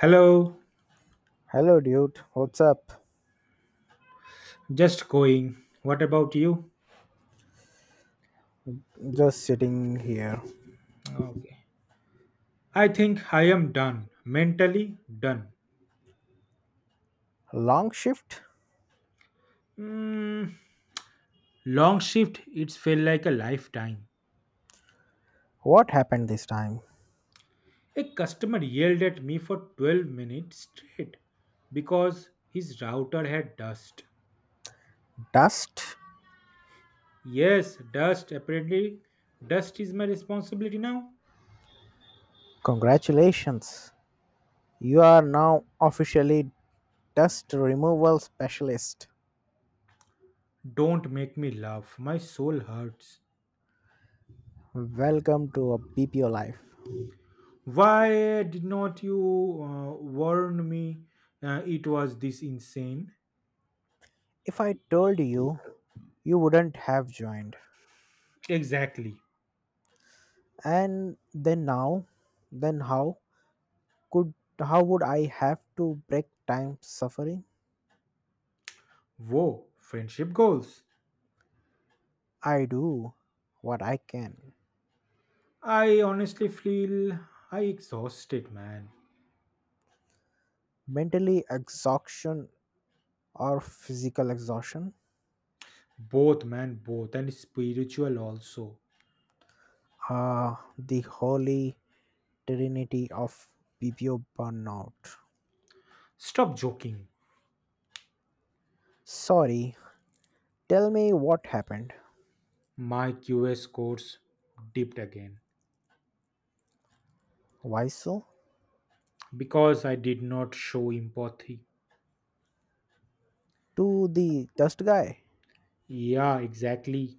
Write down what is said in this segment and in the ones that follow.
Hello, Hello, dude. What's up? just going. What about you? Just sitting here. Okay. I think I am done. Mentally done. Long shift? Mm, long shift, It felt like a lifetime. What happened this time? A customer yelled at me for 12 minutes straight because his router had dust. Dust? Yes, dust. Apparently, dust is my responsibility now. Congratulations. You are now officially dust removal specialist. Don't make me laugh. My soul hurts. Welcome to a BPO life. Why did not you warn me it was this insane? If I told you, you wouldn't have joined. Exactly. And then now, then how could how would I have to break time suffering? Whoa, friendship goals. I do what I can. I honestly feel I exhausted, man. Mentally exhaustion or physical exhaustion, Both, man, both, and spiritual also. The holy trinity of PPO burnout. Stop joking. Sorry, tell me what happened. My QS scores dipped again Why so? because I did not show empathy. To the dust guy. Yeah, exactly.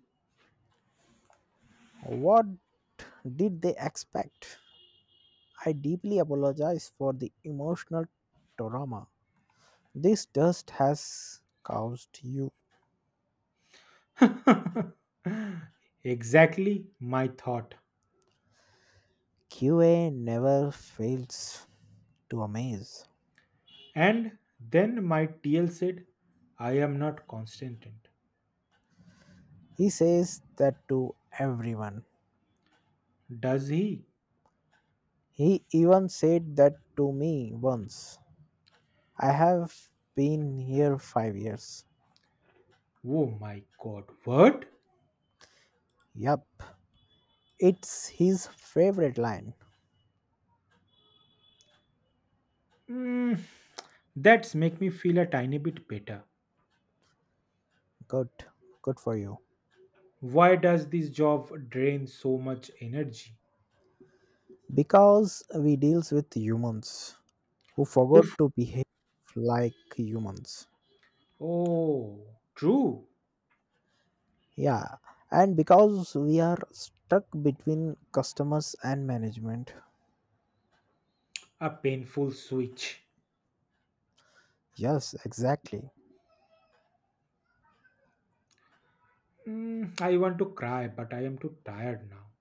What did they expect? I deeply apologize for the emotional trauma this dust has caused you. exactly my thought. QA never fails to amaze. And then my TL said, I am not constant. He says that to everyone. Does he? He even said that to me once. I have been here 5 years. Oh my god, what? Yup. It's his favorite line. Mm, that's make me feel a tiny bit better. Good. Good for you. Why does this job drain so much energy? Because we deals with humans who Oof. forgot to behave like humans. Oh, true. Yeah. And because we are stuck between customers and management. A painful switch. Yes, exactly. I want to cry, but I am too tired now.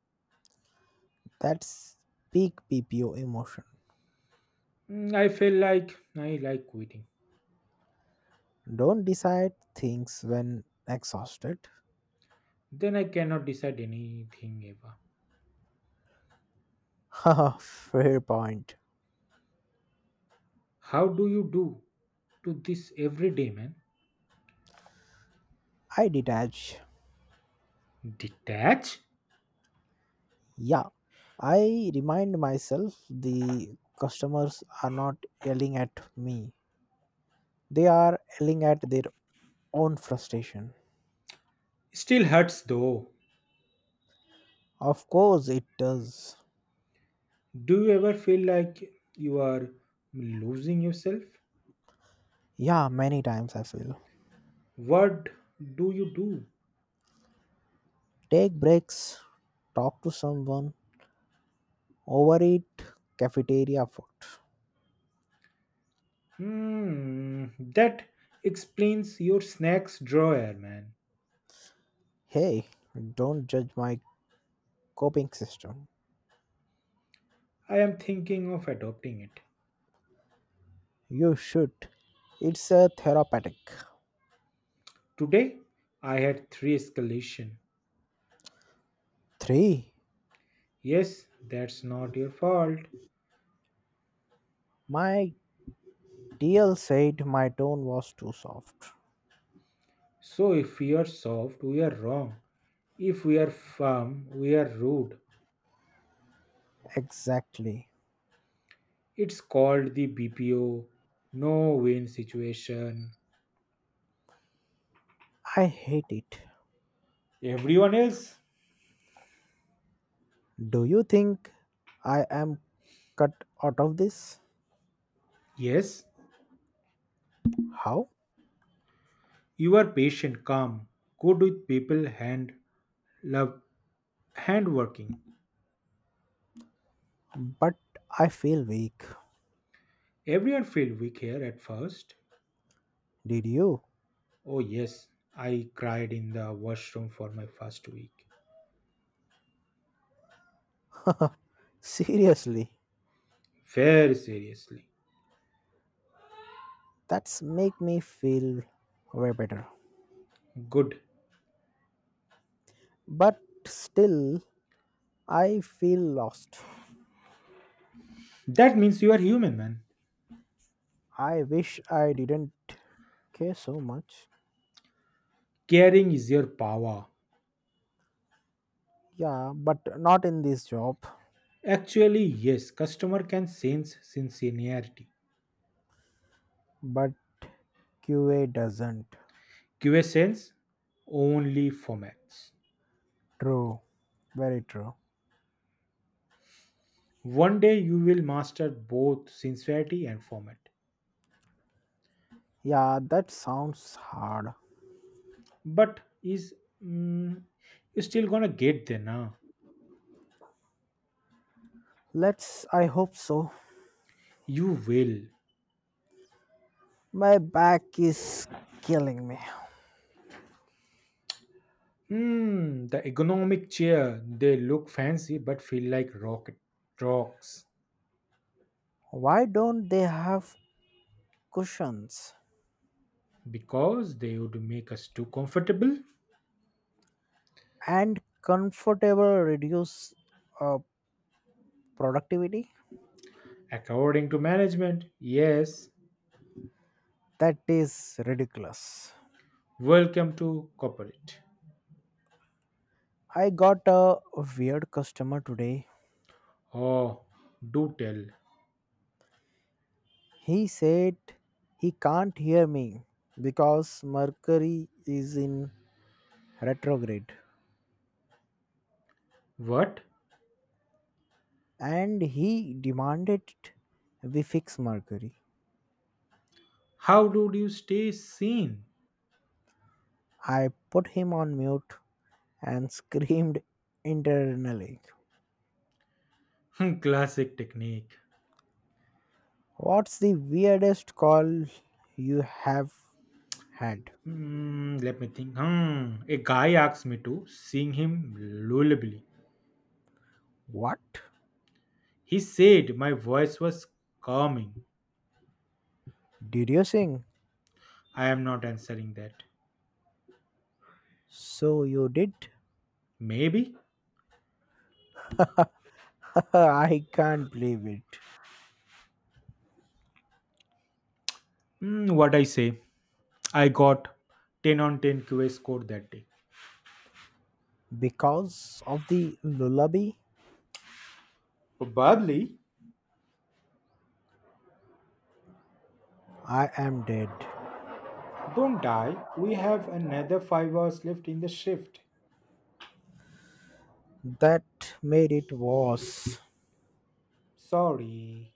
That's peak PPO emotion. I feel like I like quitting. Don't decide things when exhausted. Then I cannot decide anything ever. Haha, fair point. How do you do to this every day, man? I detach. Detach? Yeah, I remind myself the customers are not yelling at me, they are yelling at their own frustration. Still hurts though. Of course, it does. Do you ever feel like you are losing yourself? Yeah, many times I feel. What do you do? Take breaks, talk to someone, overeat, cafeteria food. Hmm, that explains your snacks drawer, man. Hey, don't judge my coping system. I am thinking of adopting it. You should. It's a therapeutic. Today, I had three escalation. 3. Yes, that's not your fault. My DL said my tone was too soft. So if we are soft, we are wrong. If we are firm, we are rude. Exactly. It's called the BPO no win situation. I hate it. Everyone else? Do you think I am cut out of this? Yes, How? you are patient, calm, good with people, hand love, hand working. But I feel weak. Everyone feel weak here at first. Did you? Oh yes, I cried in the washroom for my first week. Seriously. Very seriously. That's make me feel way better. Good. But still I feel lost. That means you are human, man. I wish I didn't care so much. Caring is your power. Yeah, but not in this job. Actually, yes, customer can sense sincerity. But QA doesn't. QSL's only formats. True, very true. One day you will master both sincerity and format. Yeah, that sounds hard. But is mm, you still gonna get there now? Let's, I hope so. You will. My back is killing me. The ergonomic chair they look fancy but feel like rocket rocks Why don't they have cushions because they would make us too comfortable. and comfortable reduce uh, productivity? According to management, yes. That is ridiculous. Welcome to corporate. I got a weird customer today. Oh, do tell. He said he can't hear me because Mercury is in retrograde. What? And he demanded we fix Mercury. How do you stay sane? I put him on mute and screamed internally. Hmm, Classic technique. What's the weirdest call you have had? Hmm, let me think. Hmm. A guy asked me to sing him lullaby. What? He said my voice was calming. Did you sing? I am not answering that. So you did? Maybe. I can't believe it. Hmm, what I say? I got 10 on 10 QA score that day. Because of the lullaby, Probably. I am dead. Don't die. We have another 5 hours left in the shift. That made it worse. Sorry.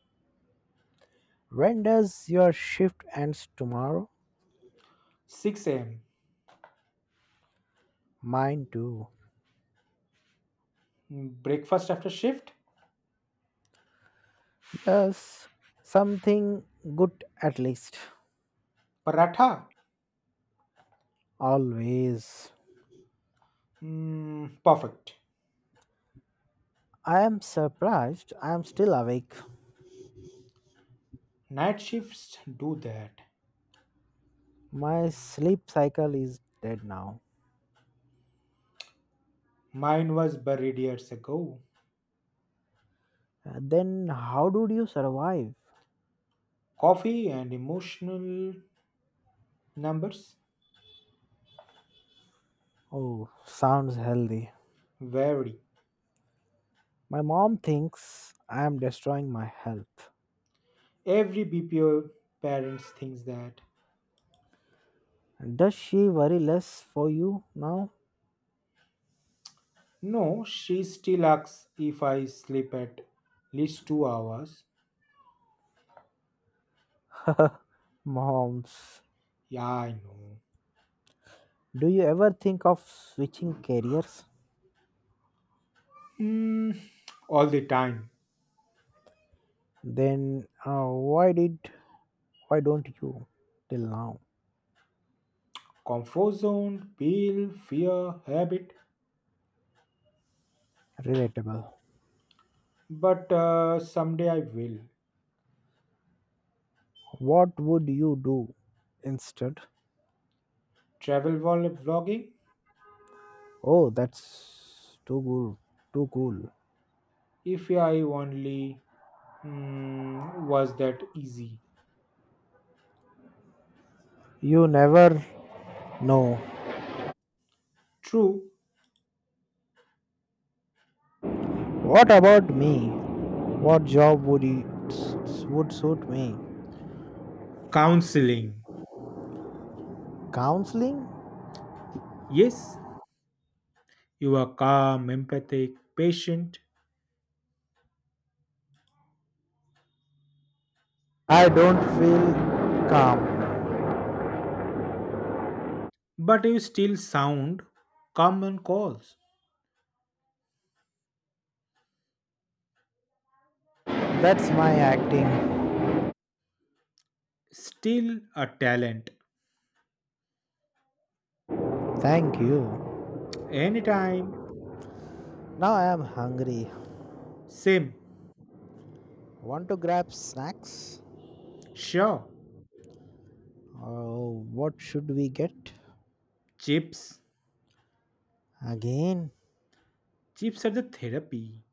When does your shift ends tomorrow? 6 am. Mine too. Breakfast after shift? Yes, something good at least. Paratha. Always. Perfect. I am surprised I am still awake. Night shifts do that. My sleep cycle is dead now. Mine was buried years ago. Then how did you survive? Coffee and emotional numbers Oh, sounds healthy. vary. My mom thinks I am destroying my health. Every BPO parents thinks that. Does she worry less for you now? No, she still asks if I sleep at least 2 hours. Moms, Yeah, I know. do you ever think of switching careers? Mm, all the time. Then why did why don't you till now? Comfort zone, pill, fear, habit. Relatable. But someday I will. What would you do instead? Travel while vlogging? Oh, that's too cool. Too cool. If I only was that easy. You never know. True What about me? What job would suit me? counseling. Counseling? Yes, you are calm, empathic, patient, I don't feel calm. but you still sound common calls. That's my acting. Still a talent. Thank you. Anytime. Now I am hungry. Same. Want to grab snacks? Sure. Oh, what should we get? Chips. Again? Chips are the therapy.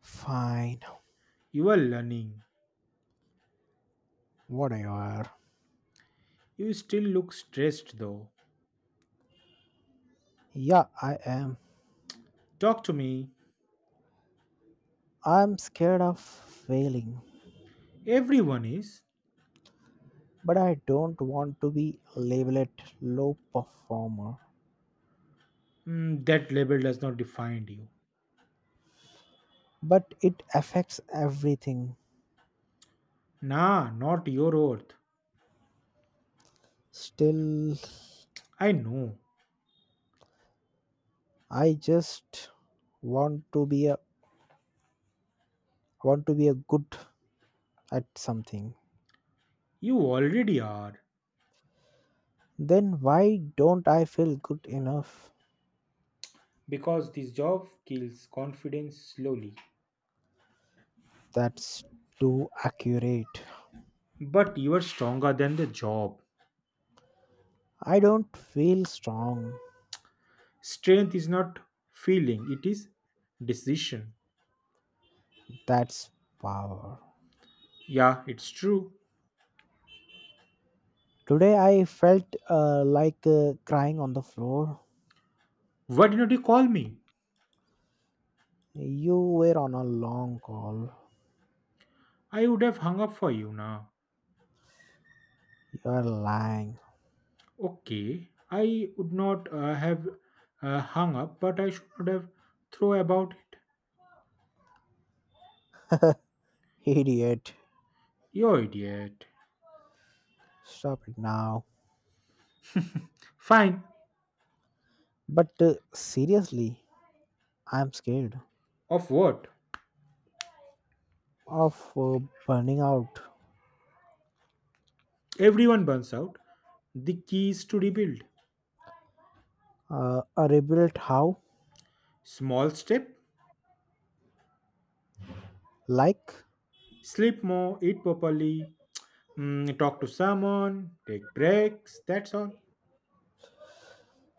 Fine. You are learning. What are you are? You still look stressed though. Yeah, I am. Talk to me. I'm scared of failing, Everyone is. but I don't want to be labeled low performer. That label does not define you. But it affects everything. Nah, not your oath. Still, I know. I just want to be a want to be a good at something. You already are. Then why don't I feel good enough? Because this job kills confidence slowly. That's too accurate. But you are stronger than the job. I don't feel strong. Strength is not feeling, it is decision. That's power. Yeah, it's true. Today I felt like crying on the floor. Why didn't you call me? You were on a long call. I would have hung up for you now. You're lying. Okay, I would not have hung up, but I should not have thrown about it. Idiot. You idiot. Stop it now. Fine. But seriously, I'm scared Of what? of burning out. Everyone burns out. The key is to rebuild. A rebuilt how? Small step, Like, sleep more, eat properly, talk to someone, take breaks, that's all.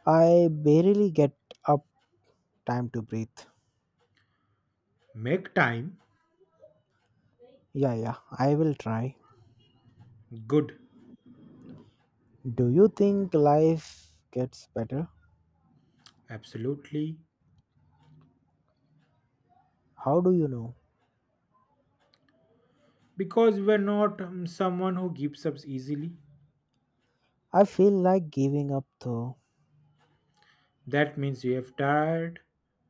I barely get up time to breathe. Make time Yeah, yeah, I will try. good, Do you think life gets better? absolutely. How do you know? Because we're not someone who gives up easily. I feel like giving up though. That means you have tired,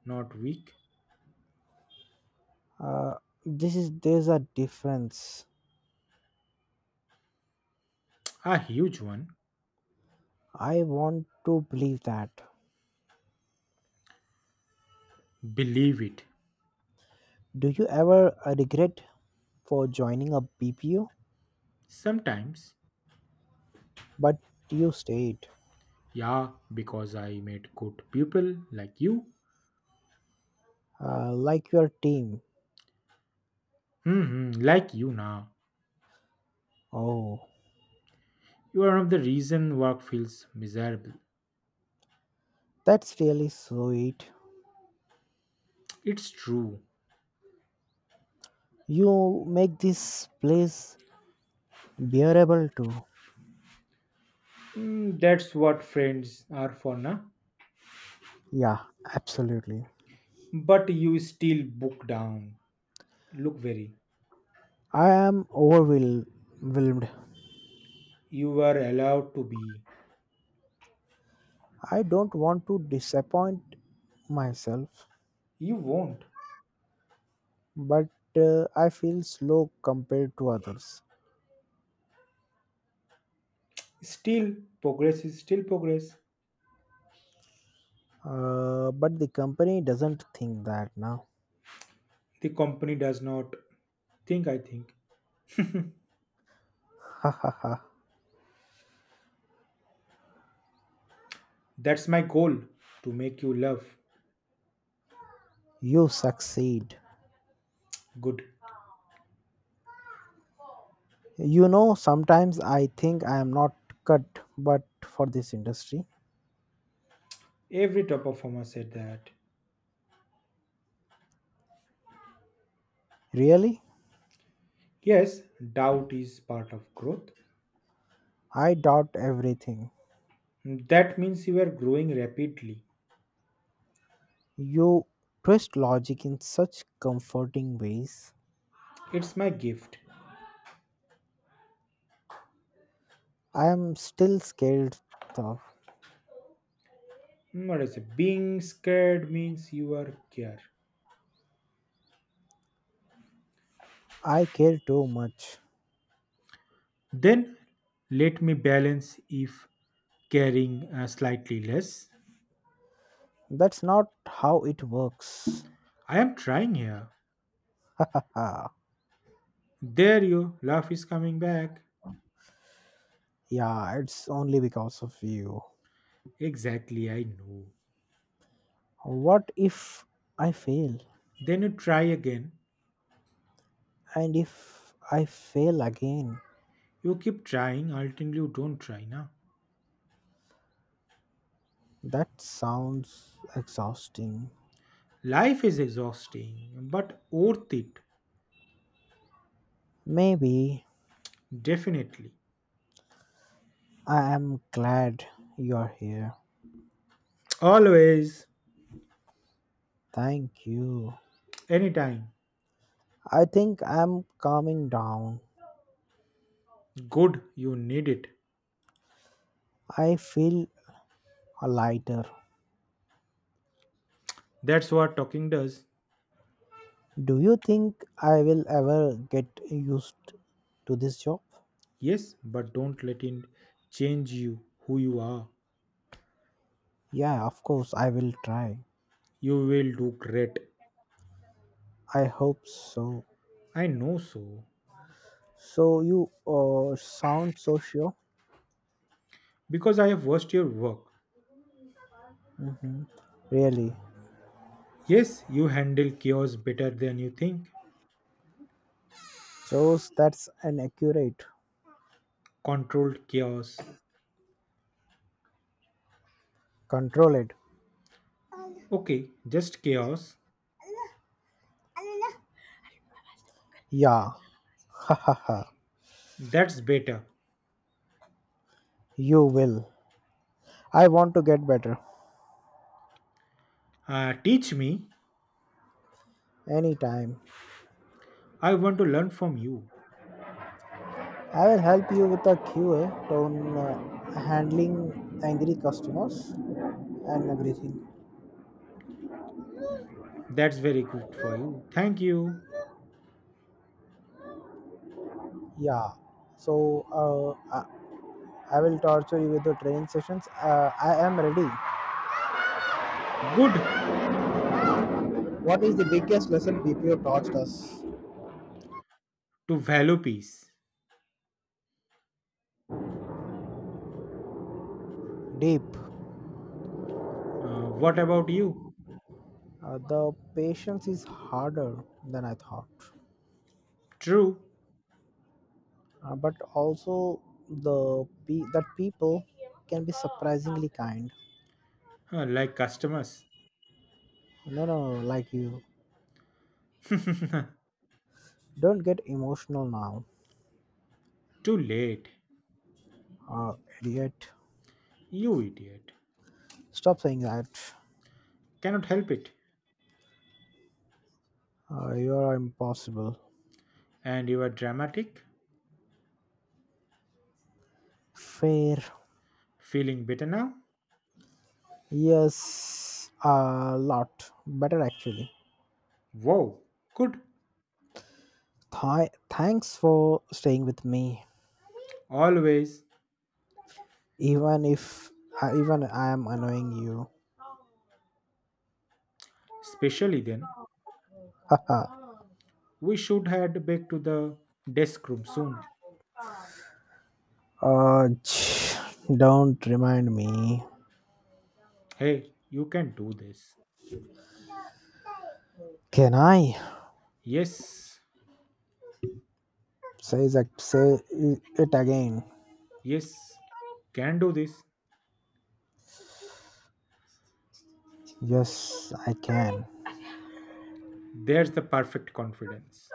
not weak. Uh, this is there's a difference. A huge one. I want to believe that. Believe it. Do you ever regret for joining a BPO Sometimes, but you stayed yeah, because I met good people like you. Like your team? Hmm, like you now. Oh, You are one of the reason work feels miserable. that's really sweet. It's true. You make this place bearable too. That's what friends are for, na? Yeah, absolutely. But you still book down. Look very. I am overwhelmed. You are allowed to be. I don't want to disappoint myself, You won't. but I feel slow compared to others. Still, progress is still progress. But the company doesn't think that now. The company does not think, I think. Ha ha ha. That's my goal to make you love You succeed. good. You know, sometimes I think I am not cut but for this industry. Every top performer said that. Really? Yes, doubt is part of growth. I doubt everything. That means you are growing rapidly. You twist logic in such comforting ways. It's my gift. I am still scared though. Hmm, what is it? Being scared means you are care. I care too much. Then let me balance if caring slightly less. That's not how it works. I am trying here. Ah, There you laugh is coming back. yeah, it's only because of you. Exactly, I know. What if I fail? Then you try again. And if I fail again? You keep trying, ultimately you don't try now. That sounds exhausting. Life is exhausting, but worth it. Maybe Definitely. I am glad you're here. Always, Thank you. anytime. I think I'm calming down. Good, you need it. I feel lighter. That's what talking does. Do you think I will ever get used to this job? Yes, but don't let it change you, who you are. Yeah, of course, I will try. You will do great. I hope so. I know so. So, you sound so sure. Because I have watched your work. Hmm. Really? Yes, you handle chaos better than you think. Shows that's an accurate. Controlled chaos. Control it. Okay, just chaos. Yeah. Ha ha ha. That's better. You will. I want to get better. Teach me. Anytime. I want to learn from you. I will help you with the QA on handling angry customers and everything. That's very good for you. Thank you. Yeah. So uh, I, I will torture you with the training sessions. I am ready. Good What is the biggest lesson BPO taught us? to value peace. Deep. What about you? The patience is harder than I thought, True. But also that people can be surprisingly kind. Like customers. No, no, like you. Too Don't get emotional now, late. uh, idiot. You idiot. Stop saying that. Cannot help it. You are impossible. And you are dramatic? Fair. Feeling better now? Yes, a lot. Better actually. Wow. Good. Thanks for staying with me, Always. even if even I am annoying you. Especially then. Haha. We should head back to the desk room soon. uh, ch- don't remind me. Hey, you can do this. Can I Yes. say that? Say it again. Yes. Can do this. Yes, I can. There's the perfect confidence.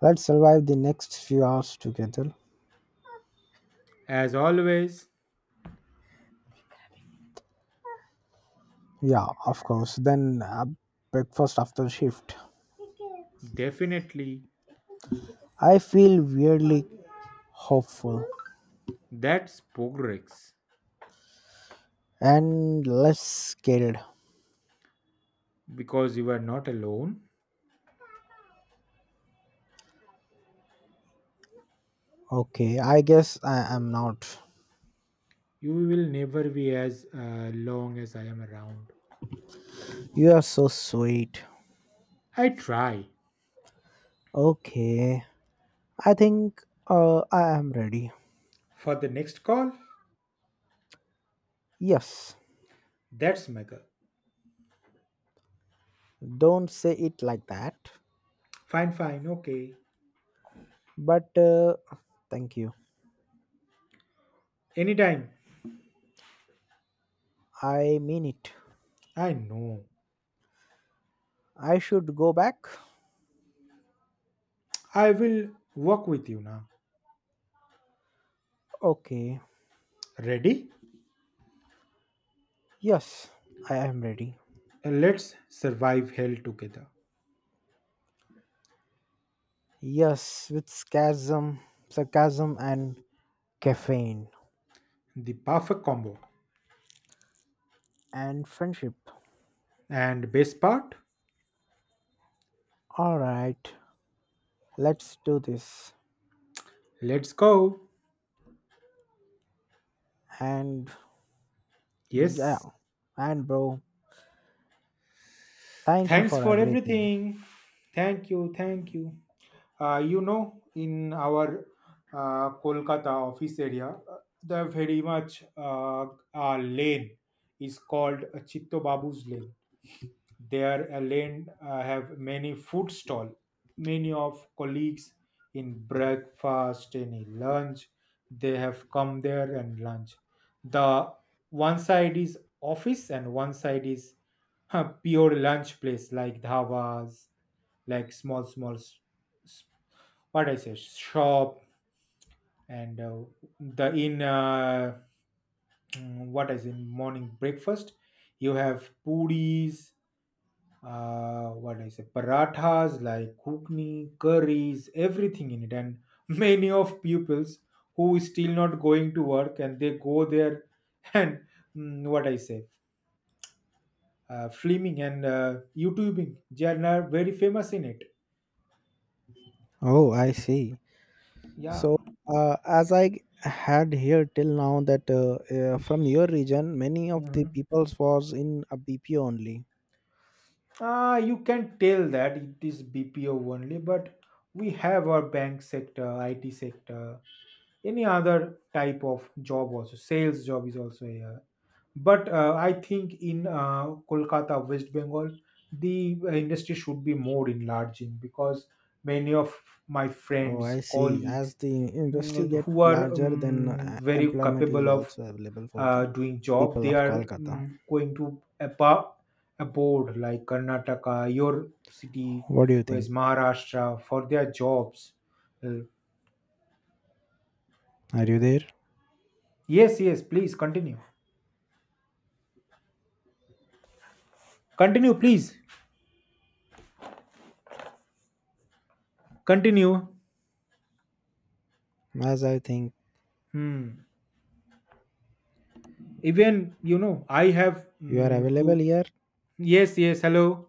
Let's survive the next few hours together. As always, Yeah, of course. Then breakfast after shift. definitely I feel weirdly hopeful that's progress. and less scared. Because you are not alone, Okay, I guess I am not. you will never be as long as I am around. You are so sweet. I try. Okay, I think I am ready. For the next call? Yes, That's mega. don't say it like that. Fine, fine, okay. But thank you. Anytime. I mean it. I know. I should go back. I will work with you now. Okay, Ready? yes, I am ready. Let's survive hell together. Yes, with sarcasm, sarcasm and caffeine The perfect combo. and friendship. And best part? All right. Let's do this. Let's go. And Yes. yeah, and bro, thank you Thanks for for everything. everything. Thank you. Thank you. You know, in our Kolkata office area, the very much lane is called Chitto Babu's lane their lane have many food stall many of colleagues in breakfast and in lunch they have come there and lunch the one side is office and one side is pure lunch place like dhavas like s- what I say shop and the in what is in morning breakfast you have puris what do I say, parathas like kukni, curries, everything in it. And many of pupils who is still not going to work and they go there and what I say, filming and YouTubing. They are now very famous in it. Oh, I see. Yeah. So, as I had here till now that from your region, many of the Mhm. peoples was in a BPO only. Ah, you can tell that it is BPO only, but we have our bank sector, IT sector, any other type of job also. Sales job is also here. But I think in Kolkata, West Bengal, the industry should be more enlarging because many of my Oh, I friends, see. colleagues, As the industry get who are larger, then very employment is capable of also available for the doing job, people they of are Kolkata. Going to abroad like Karnataka, your city, What do you where's think? Maharashtra for their jobs. Uh, Are you there? yes, yes, please continue. Continue, please. Continue. As I think Hmm. Even you know I have you are available to here, yes yes hello